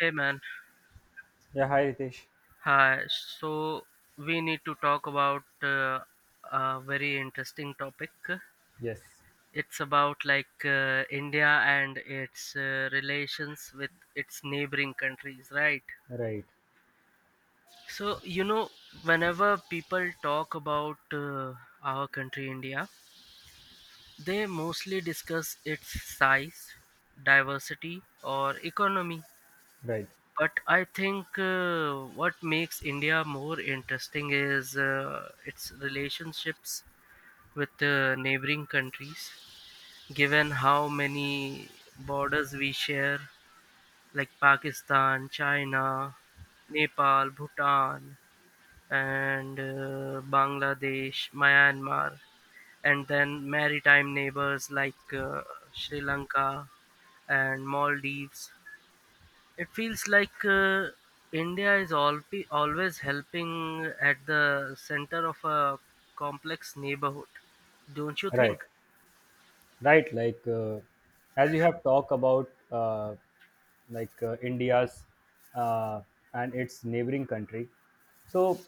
Hey man, Yeah, hi Ritesh. hi. So we need to talk about a very interesting topic. Yes, It's about India and its relations with its neighboring countries, right? right, So you know, whenever people talk about our country India, they mostly discuss its size, diversity, or economy. right, But I think what makes India more interesting is its relationships with the neighboring countries, given how many borders we share, like Pakistan, China, Nepal, Bhutan, and Bangladesh, Myanmar, and then maritime neighbors Sri Lanka and Maldives. It feels India is al- always helping at the center of a complex neighborhood, don't you right, think? right. Like as you have talked about, like India's uh, and its neighboring country. So,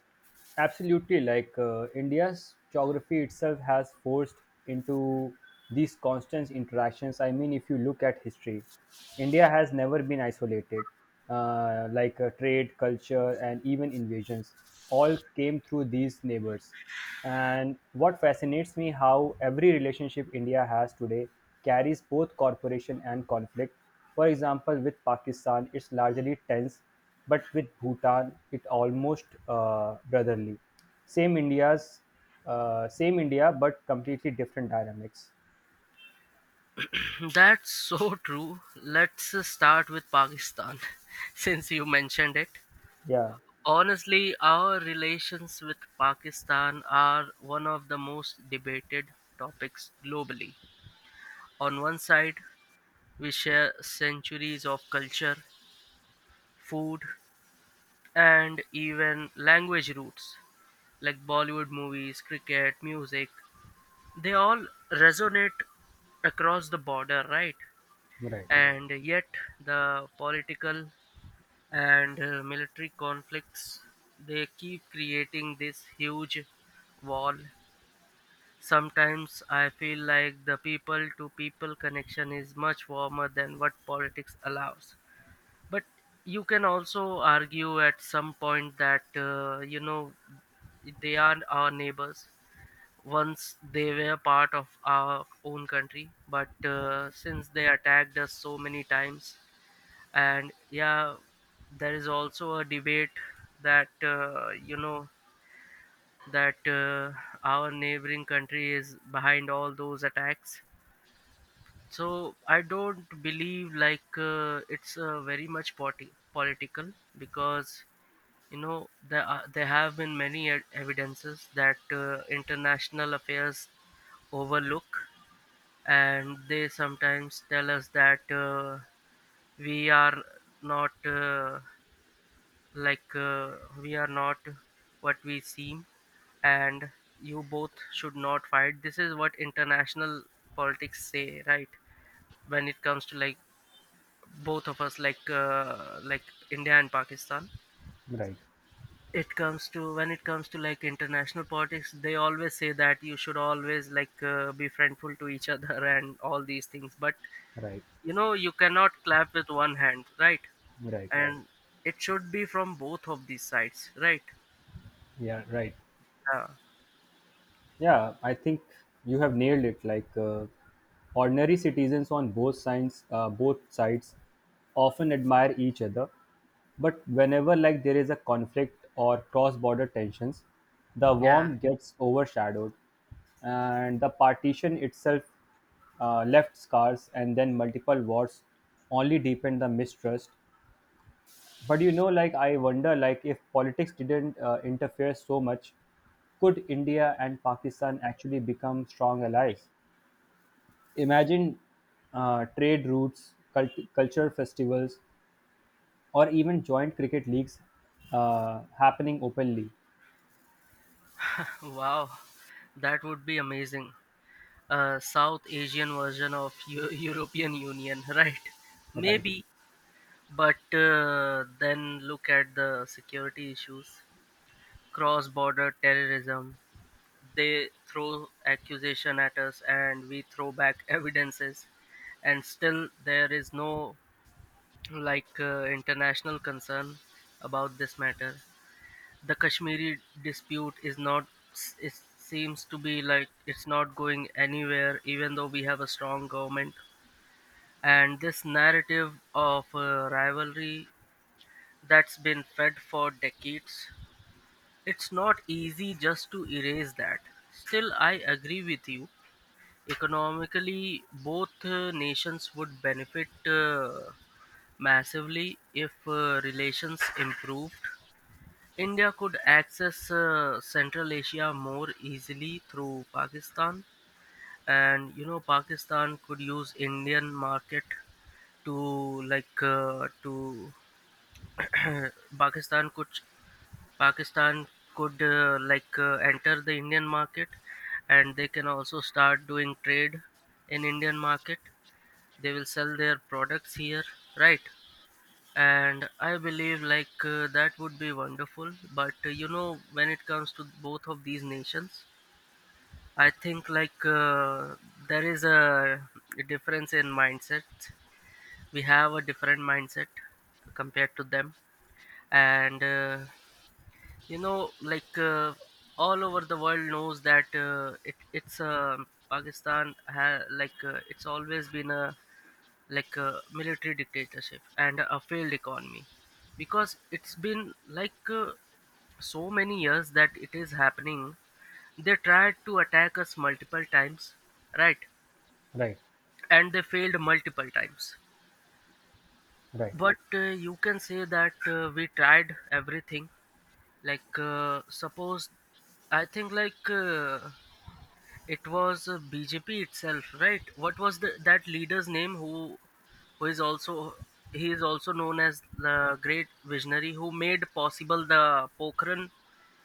absolutely, like India's geography itself has forced into these constant interactions. I mean, if you look at history, India has never been isolated, like trade, culture, and even invasions. All came through these neighbors. And what fascinates me how every relationship India has today carries both cooperation and conflict. For example, with Pakistan, it's largely tense, but with Bhutan, it almost brotherly. Same India's, Same India, but completely different dynamics. That's so true. Let's start with Pakistan, since you mentioned it. Yeah, Honestly, our relations with Pakistan are one of the most debated topics globally. On one side, we share centuries of culture, food, and even language roots, like Bollywood movies, cricket, music, they all resonate across the border, right? right, And yet, the political and military conflicts, they keep creating this huge wall. Sometimes I feel like the people to people connection is much warmer than what politics allows. But you can also argue at some point that, you know, they are our neighbors. Once they were part of our own country, but since they attacked us so many times, and yeah, there is also a debate that you know, that our neighboring country is behind all those attacks. So I don't believe it's very much political, because you know there have been many evidences that international affairs overlook, and they sometimes tell us that we are not we are not what we seem. And you both should not fight. This is what international politics say, right? When it comes to like both of us like India and Pakistan. right, It comes to, when it comes to like international politics, they always say that you should always be friendful to each other and all these things. But right, you know you cannot clap with one hand, right? right. Right. And it should be from both of these sides, right? Yeah, right. Yeah, Yeah, I think you have nailed it. Like ordinary citizens on both sides, often admire each other, but whenever like there is a conflict or cross-border tensions, the yeah. warmth gets overshadowed, and the partition itself left scars, and then multiple wars only deepen the mistrust. But you know, like, I wonder, like, if politics didn't interfere so much, could India and Pakistan actually become strong allies? Imagine trade routes, culture festivals, or even joint cricket leagues happening openly. Wow, that would be amazing, a south Asian version of European Union, right? Right, Maybe. But then look at the security issues, cross border terrorism. They throw accusation at us and we throw back evidences, and still there is no international concern about this matter. The Kashmiri dispute is not, it seems to be like it's not going anywhere, even though we have a strong government. And this narrative of rivalry that's been fed for decades, it's not easy just to erase that. Still, I agree with you. Economically, both nations would benefit. Massively, if relations improved, India could access Central Asia more easily through Pakistan, and you know Pakistan could use Indian market to Pakistan could Pakistan could enter the Indian market, and they can also start doing trade in Indian market. They will sell their products here, right? And I believe that would be wonderful. But you know, when it comes to both of these nations, I think there is a difference in mindset. We have a different mindset compared to them. And you know all over the world knows that it's pakistan ha- like it's always been a like a military dictatorship and a failed economy, because it's been so many years that it is happening. They tried to attack us multiple times, right? right, And they failed multiple times. right. But you can say that we tried everything. Like suppose I think like It was BJP itself, right? What was the that leader's name who is also, he is also known as the great visionary who made possible the Pokhran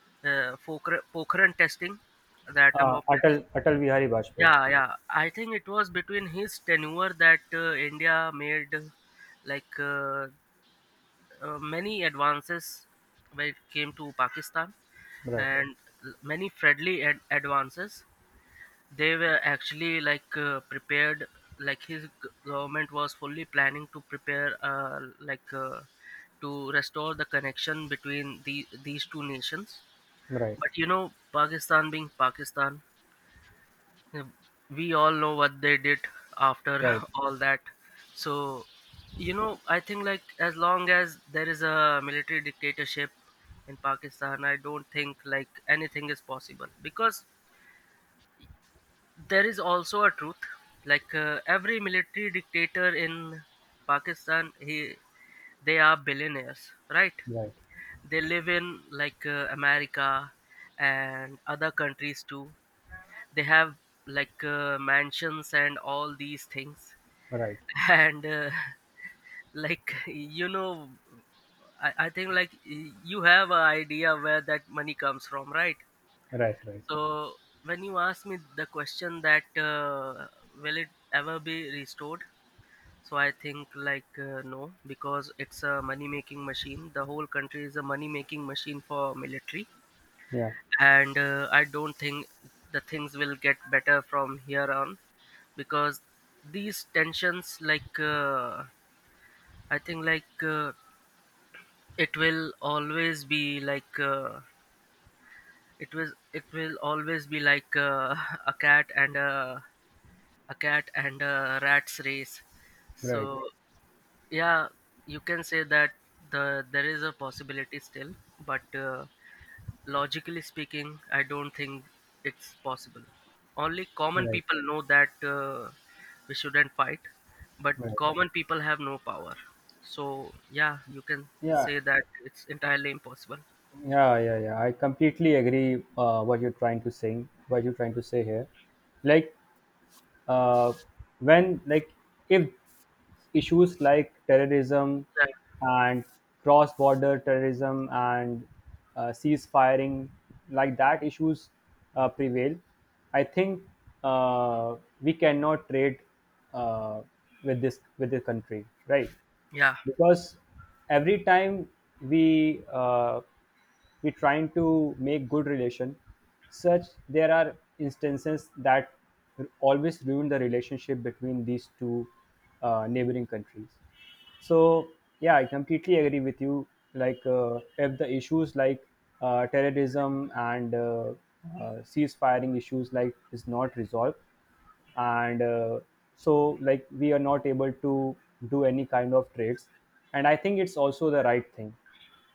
Pokhran testing, the uh, atom of atal test. atal Bihari Vajpayee. Yeah, yeah. I think it was between his tenure that India made like uh, many advances when it came to Pakistan. Right, And many friendly advances. They were actually prepared, like his government was fully planning to prepare to restore the connection between these two nations. right, But you know, Pakistan being Pakistan, uh, we all know what they did after right, all that. So you know, I think like as long as there is a military dictatorship in Pakistan, I don't think like anything is possible, because there is also a truth, every military dictator in Pakistan, he they are billionaires, right? right, They live in America and other countries too. They have mansions and all these things, right, and like you know, I think like you have an idea where that money comes from, right? right, right, So when you asked me the question that will it ever be restored, so I think no, because it's a money making machine. The whole country is a money making machine for military, yeah, and I don't think the things will get better from here on, because these tensions, I think, it will always be like. It will always be a cat and a a cat and a rat's race. So right, yeah, you can say that there is a possibility still, but logically speaking, I don't think it's possible. Only common right, people know that we shouldn't fight, but right. common people have no power. So yeah, you can Yeah. say that it's entirely impossible. Yeah, yeah, yeah. I completely agree what you're trying to say here. Like uh, when, like, if issues like terrorism Yeah. and cross-border terrorism and cease-firing, like that issues prevail, I think uh, we cannot trade uh, with the country, right? Yeah, Because every time we uh, we trying to make good relation, such there are instances that always ruin the relationship between these two neighboring countries. So, yeah, I completely agree with you. Like if the issues like terrorism and cease-firing issues, like, is not resolved, and so, like, we are not able to do any kind of trades. And I think it's also the right thing,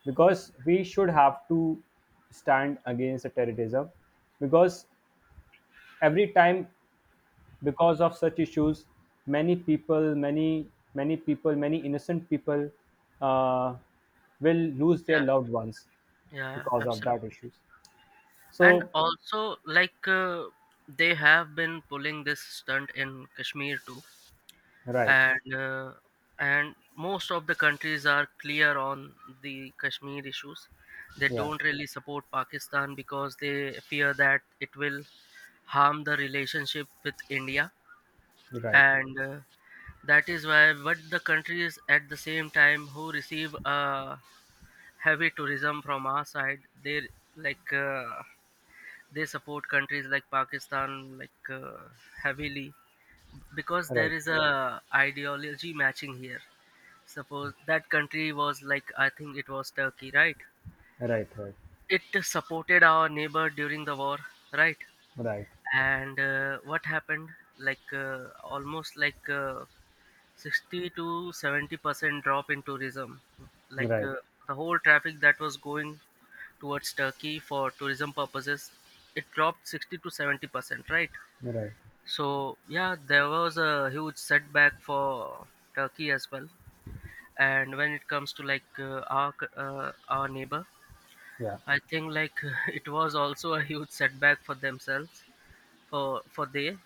because we should have to stand against the terrorism, because every time, because of such issues, many people many many people many innocent people uh, will lose their yeah, loved ones yeah, because of absolutely. that issues, And so. also they have been pulling this stunt in Kashmir too. Right. And and most of the countries are clear on the Kashmir issues. They Yeah, don't really support Pakistan because they fear that it will harm the relationship with India. right, And that is why. But the countries at the same time who receive heavy tourism from our side, they like uh, they support countries like Pakistan heavily, because right, there right, is a ideology matching here. Suppose that country was like, I think it was Turkey, right? right, It supported our neighbor during the war, right? right, And what happened? Almost 60 to 70% drop in tourism. right, Like right, uh, the whole traffic that was going towards Turkey for tourism purposes, it dropped 60 to 70%, right? right, So yeah, there was a huge setback for Turkey as well. And when it comes to our neighbor, yeah, I think like it was also a huge setback for themselves, for for they,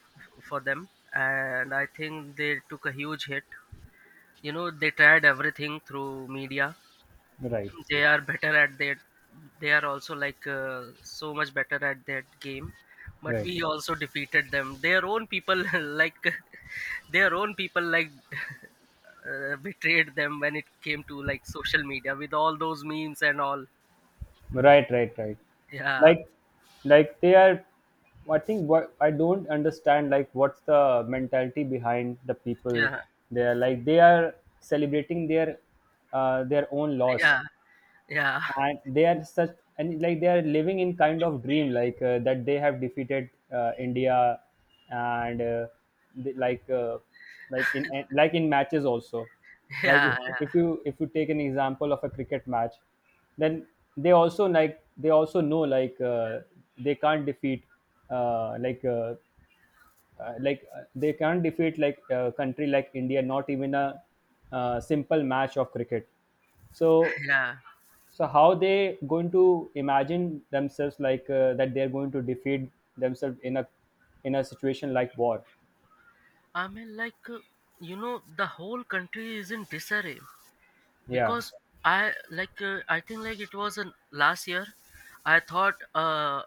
for them. And I think they took a huge hit. You know, they tried everything through media. right, They are better at that. They are also so much better at that game. But right. we also defeated them, their own people, like their own people betrayed them when it came to like social media with all those memes and all. Right, right, right. Yeah. Like, like, they are. I think what I don't understand, like, what's the mentality behind the people Yeah, there? Like, they are celebrating their own loss, yeah, yeah. and they are such, and like they are living in kind of dream, like that they have defeated India. And they, like like in matches also. Like, if, Yeah, yeah, if you if you take an example of a cricket match, then they also, like, they also know, like, they can't defeat uh, like uh, like a country like India, not even a simple match of cricket. so yeah. so how they going to imagine themselves, like that they're going to defeat themselves in a situation like war? I mean you know, the whole country is in disarray, Yeah, because I think like it was last year, I thought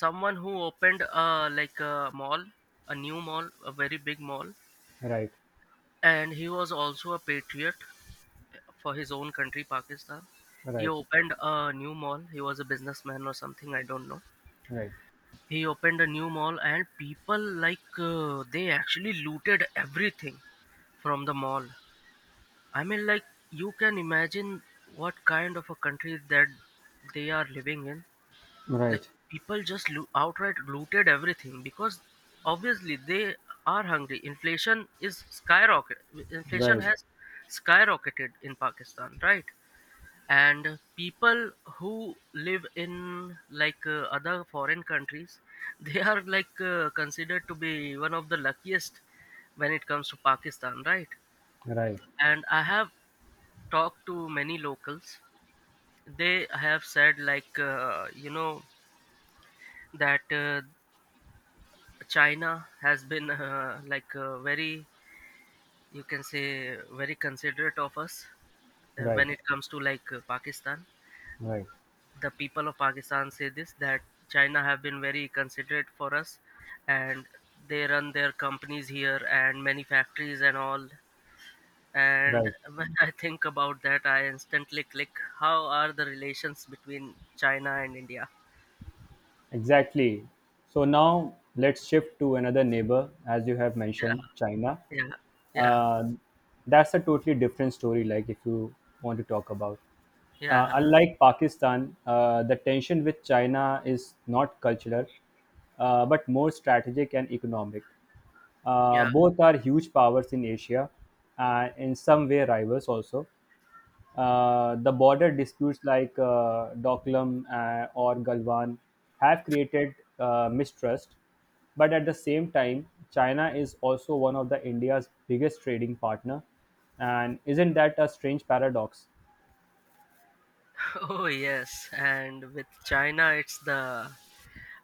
someone who opened like a mall, a very big mall. right, And he was also a patriot for his own country, Pakistan. right, He right, opened a new mall, he was a businessman or something, I don't know. right, He opened a new mall and people they actually looted everything from the mall. I mean, like, you can imagine what kind of a country that they are living in. Like, right, people just outright looted everything, because obviously they are hungry. Inflation is skyrocket. Inflation right, has skyrocketed in Pakistan, right? And people who live in other foreign countries, they are considered to be one of the luckiest when it comes to Pakistan, right? right, And I have talked to many locals, they have said you know that China has been very, you can say very considerate of us right, when it comes to Pakistan. right, The people of Pakistan say this that China have been very considerate for us, and they run their companies here and many factories and all. And right. when I think about that, I instantly click. How are the relations between China and India? Exactly. So now let's shift to another neighbor, as you have Yeah, mentioned, China. yeah, yeah, Uh, that's a totally different story, like if you want to talk about. Uh, yeah, unlike Pakistan, the tension with China is not cultural, but more strategic and economic. Uh, yeah. both are huge powers in Asia, and in some way rivals also. The border disputes, like Doklam or Galwan, have created mistrust, but at the same time, China is also one of the India's biggest trading partner. And isn't that a strange paradox? Oh yes, and with China, it's the,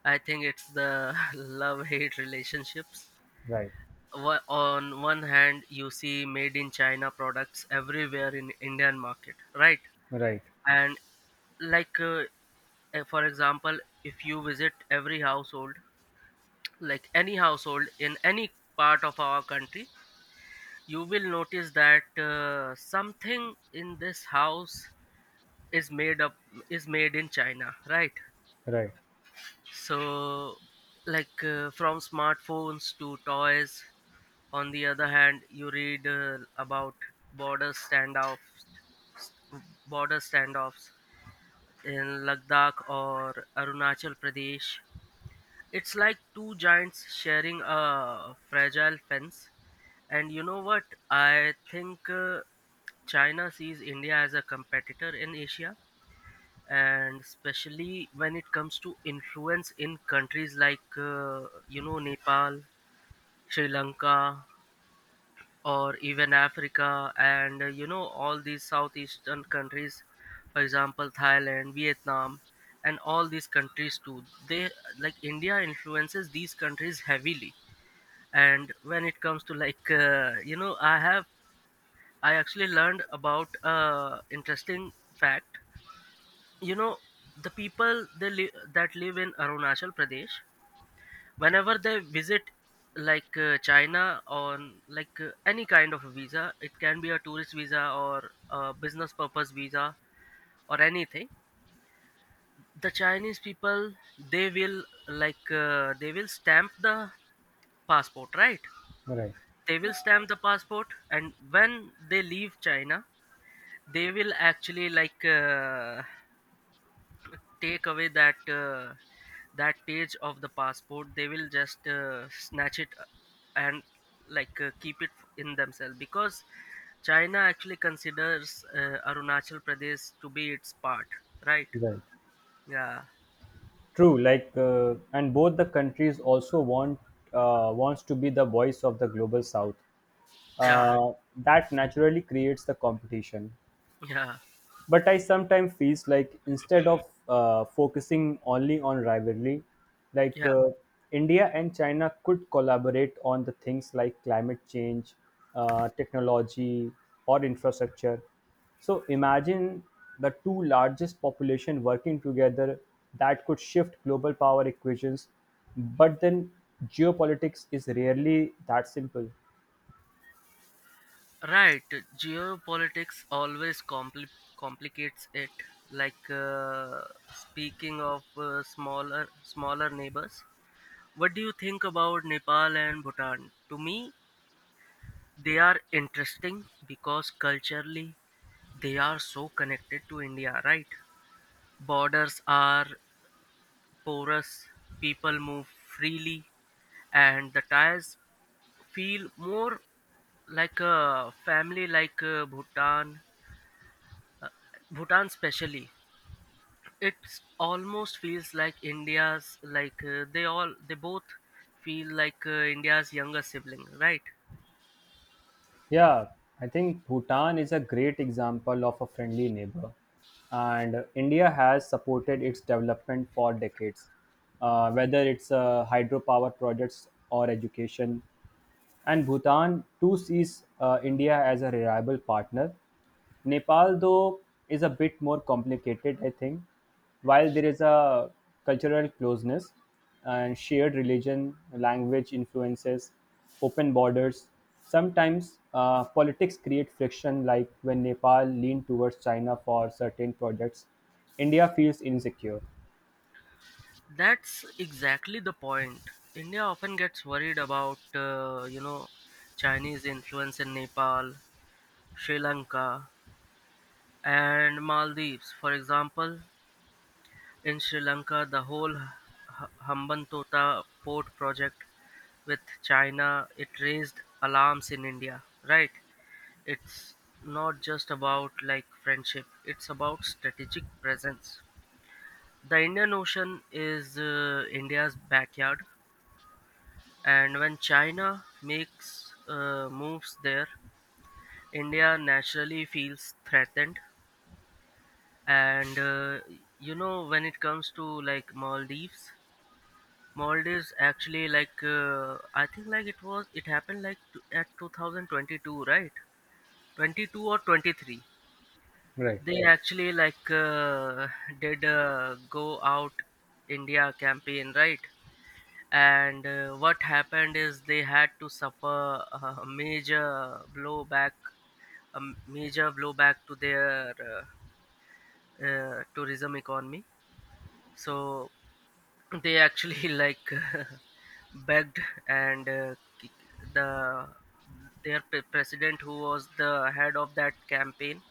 I think it's the love-hate relationships. Right, On one hand, you see made in China products everywhere in Indian market, right? right, And like uh, for example, if you visit every household, like any household in any part of our country, you will notice that something in this house is made up is made in China, right? right, So from smartphones to toys. On the other hand, you read about border standoffs, border standoffs in Ladakh or Arunachal Pradesh. It's like two giants sharing a fragile fence. And you know what, I think China sees India as a competitor in Asia, and especially when it comes to influence in countries like you know, Nepal, Sri Lanka, or even Africa, and you know, all these southeastern countries, for example Thailand, Vietnam, and all these countries too. They, like, India influences these countries heavily. And when it comes to you know, I actually learned about interesting fact, you know, the people that live in Arunachal Pradesh, whenever they visit China on any kind of a visa, it can be a tourist visa or a business purpose visa or anything, the Chinese people, they will they will stamp the passport, right? right, They will stamp the passport, and when they leave China, they will actually take away that page of the passport. They will just snatch it and keep it in themselves, because China actually considers Arunachal Pradesh to be its part, right? right. Yeah, True. Like, and both the countries also wants to be the voice of the global South. yeah, That naturally creates the competition. yeah, But I sometimes feels like, instead of focusing only on rivalry, like yeah, India and China could collaborate on the things like climate change, technology, or infrastructure. So imagine the two largest population working together, that could shift global power equations. But then geopolitics is rarely that simple. right. Geopolitics always complicates it. like uh, speaking of smaller neighbors, what do you think about Nepal and Bhutan? To me, they are interesting because culturally they are so connected to India, right? Borders are porous, people move freely, and the ties feel more like a family. Bhutan. Bhutan especially. It almost feels like India's like they all they both feel like India's younger sibling, right? Yeah, I think Bhutan is a great example of a friendly neighbor, and India has supported its development for decades, whether it's hydropower projects or education. And Bhutan too sees India as a reliable partner. Nepal, though, is a bit more complicated, I think. While there is a cultural closeness and shared religion, language influences, open borders, sometimes politics create friction, like when Nepal leaned towards China for certain projects, India feels insecure. That's exactly the point. India often gets worried about, you know, Chinese influence in Nepal, Sri Lanka, and Maldives. For example, in Sri Lanka, the whole Hambantota port project with China, it raised alarms in India, right? It's not just about like friendship, it's about strategic presence. The Indian Ocean is India's backyard. And when China makes moves there, India naturally feels threatened. And you know, when it comes to like Maldives, Maldives actually I think it happened like at 2022, right? 22 or 23. Right, They Yeah. Actually, did go out India campaign, right? And what happened is they had to suffer a major blowback, a major blowback to their tourism economy. So they actually begged, and the their president, who was the head of that campaign,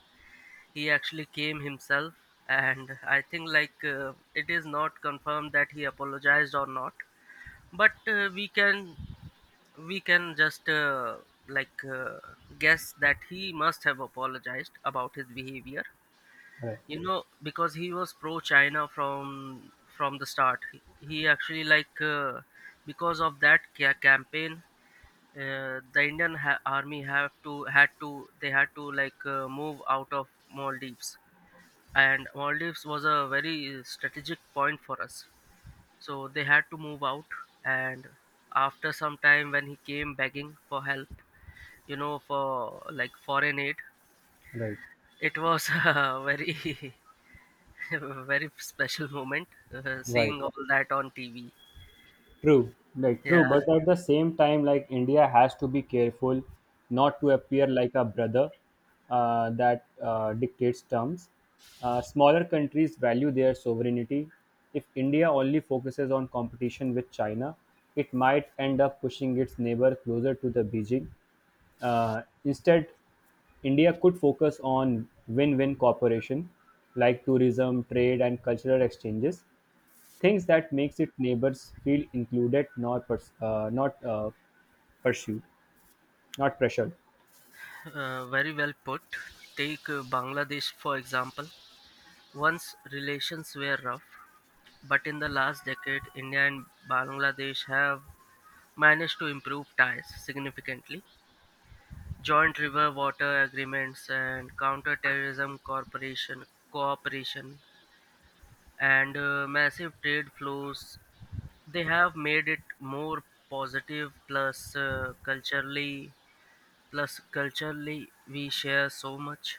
he actually came himself. And I think it is not confirmed that he apologized or not, but we can just like uh, guess that he must have apologized about his behavior, right, you know, because he was pro China from the start. He actually because of that campaign, the Indian army have to had to, they had to move out of Maldives, and Maldives was a very strategic point for us, so they had to move out. And after some time, when he came begging for help, you know, for like foreign aid, right, it was a very very special moment, right. seeing all that on TV. True, like true, Yeah. but at the same time, like India has to be careful not to appear like a brother that dictates terms. Smaller countries value their sovereignty. If India only focuses on competition with China, it might end up pushing its neighbor closer to the Beijing. Instead, India could focus on win-win cooperation like tourism, trade, and cultural exchanges, things that makes its neighbors feel included, not pers- not pursued not pressured. Very well put. Take Bangladesh for example. Once relations were rough, but in the last decade India and Bangladesh have managed to improve ties significantly. Joint river water agreements, and counter-terrorism corporation cooperation, and massive trade flows, they have made it more positive. Plus culturally plus culturally, we share so much,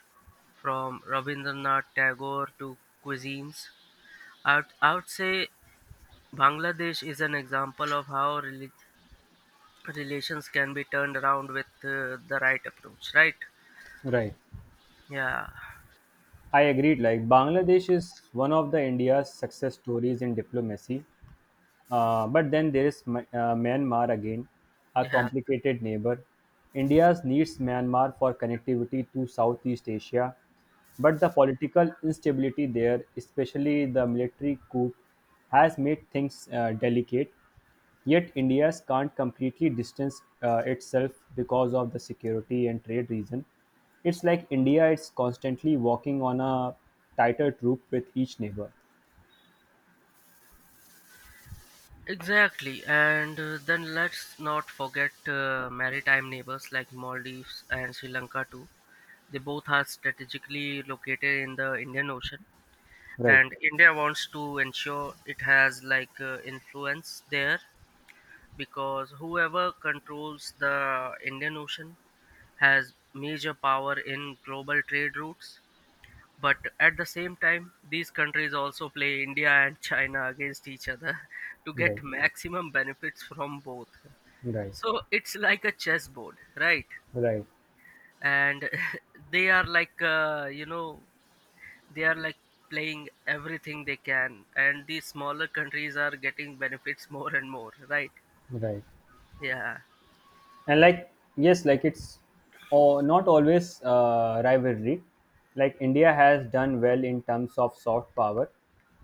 from Rabindranath Tagore to cuisines. I would say Bangladesh is an example of how relations can be turned around with the right approach, right? Right. Yeah, I agreed, like Bangladesh is one of the India's success stories in diplomacy. But then there is Myanmar again, a yeah, complicated neighbor. India needs Myanmar for connectivity to Southeast Asia, but the political instability there, especially the military coup, has made things delicate. Yet India can't completely distance itself because of the security and trade reason. It's like India is constantly walking on a tighter troop with each neighbor. exactly. And then let's not forget maritime neighbors like Maldives and Sri Lanka too. They both are strategically located in the Indian Ocean, Right, and India wants to ensure it has influence there, because whoever controls the Indian Ocean has major power in global trade routes. But at the same time, these countries also play India and China against each other to get right, maximum benefits from both. right, So it's like a chessboard, right? right. And they are like uh, you know they are like playing everything they can, and the smaller countries are getting benefits more and more, right? Right. Yeah, And like, yes, like it's not always rivalry. Like India has done well in terms of soft power,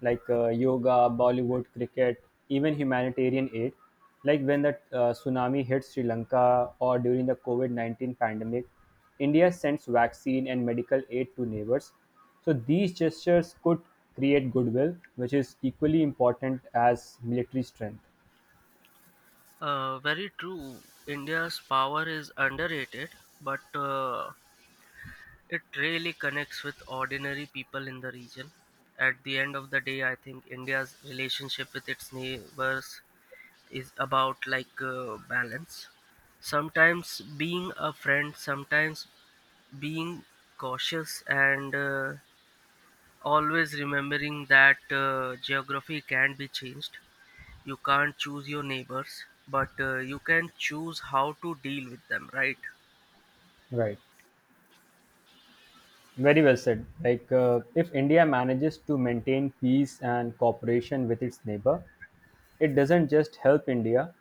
like yoga, Bollywood, cricket, even humanitarian aid. Like when the tsunami hit Sri Lanka or during the COVID COVID-19 pandemic, India sends vaccine and medical aid to neighbors. So these gestures could create goodwill, which is equally important as military strength. Very true. India's power is underrated, but it really connects with ordinary people in the region. At the end of the day, I think India's relationship with its neighbors is about balance. Sometimes being a friend, sometimes being cautious, and always remembering that geography can be changed. You can't choose your neighbors, but you can choose how to deal with them, right? Right. Very well said. Like, if India manages to maintain peace and cooperation with its neighbor, it doesn't just help India,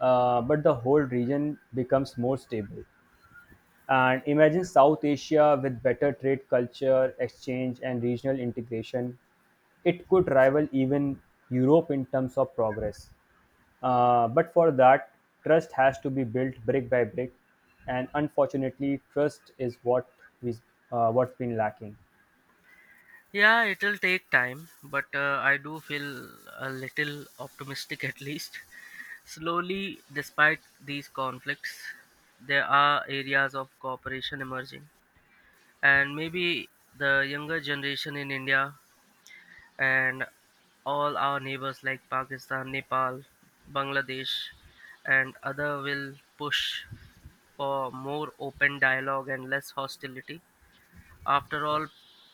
but the whole region becomes more stable. And imagine South Asia with better trade culture, exchange, and regional integration. It could rival even Europe in terms of progress. But for that, trust has to be built brick by brick, and unfortunately, trust is we what's been lacking. Yeah, it'll take time, but I do feel a little optimistic at least. Slowly, despite these conflicts, there are areas of cooperation emerging, and maybe the younger generation in India and all our neighbors like Pakistan, Nepal, Bangladesh, and other will push for more open dialogue and less hostility. After all,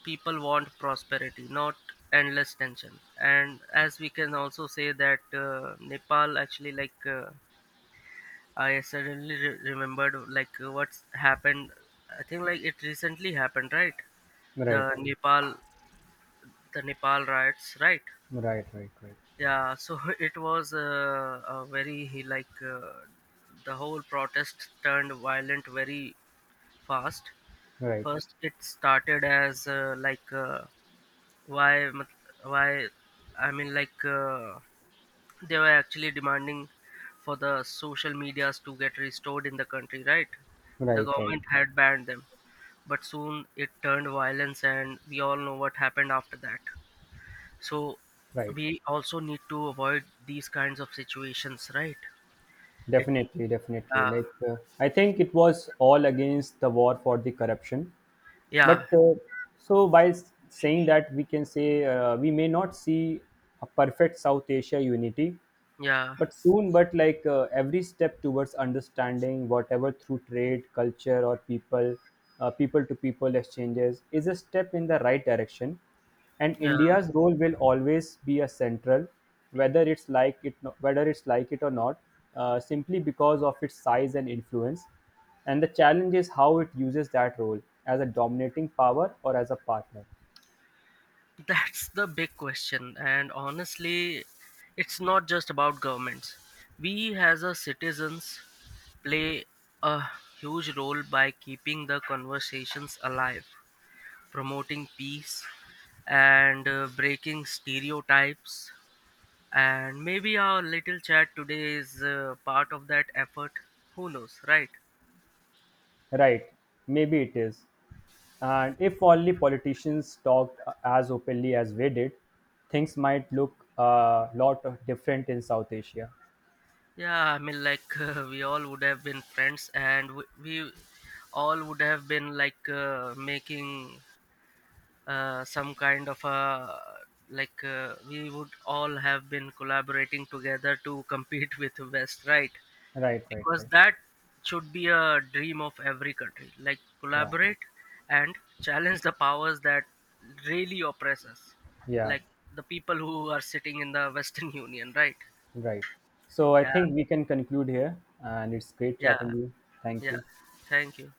people want prosperity, not endless tension. And as we can also say that Nepal actually I remembered what's happened. I think like it recently happened, right? Right, The Nepal, the Nepal riots, right? right, right, right, Yeah, so it was a very he like the whole protest turned violent very fast. right, First it started as like why mat- why I mean they were actually demanding for the social medias to get restored in the country, right? The right, right, government had banned them, but soon it turned violence, and we all know what happened after that. So right. we also need to avoid these kinds of situations, right? it Definitely, definitely. uh, Like, I think it was all against the war for the corruption. yeah. But so by saying that, we can say we may not see a perfect South Asia unity, Yeah. but like every step towards understanding, whatever through trade culture or people, people to people exchanges, is a step in the right direction. And yeah India's role will always be a central, whether it's like it or not, simply because of its size and influence. And the challenge is how it uses that role, as a dominating power or as a partner. that's the big question, and honestly, it's not just about governments, we as a citizens play a huge role by keeping the conversations alive, promoting peace, and breaking stereotypes. And maybe our little chat today is part of that effort. Who knows, right? Right, maybe it is. And if only politicians talked as openly as we did, things might look a lot of different in South Asia. Yeah, I mean, like, we all would have been friends, and we all would have been, like, making some kind of a. Like, we would all have been collaborating together to compete with West, right? Right, right, Because right. that should be a dream of every country, like Yeah, collaborate and challenge the powers that really oppress us, yeah, like the people who are sitting in the Western union, right? right. So I Yeah. think we can conclude here, and it's great Yeah. chatting you. Thank Yeah, you. thank you.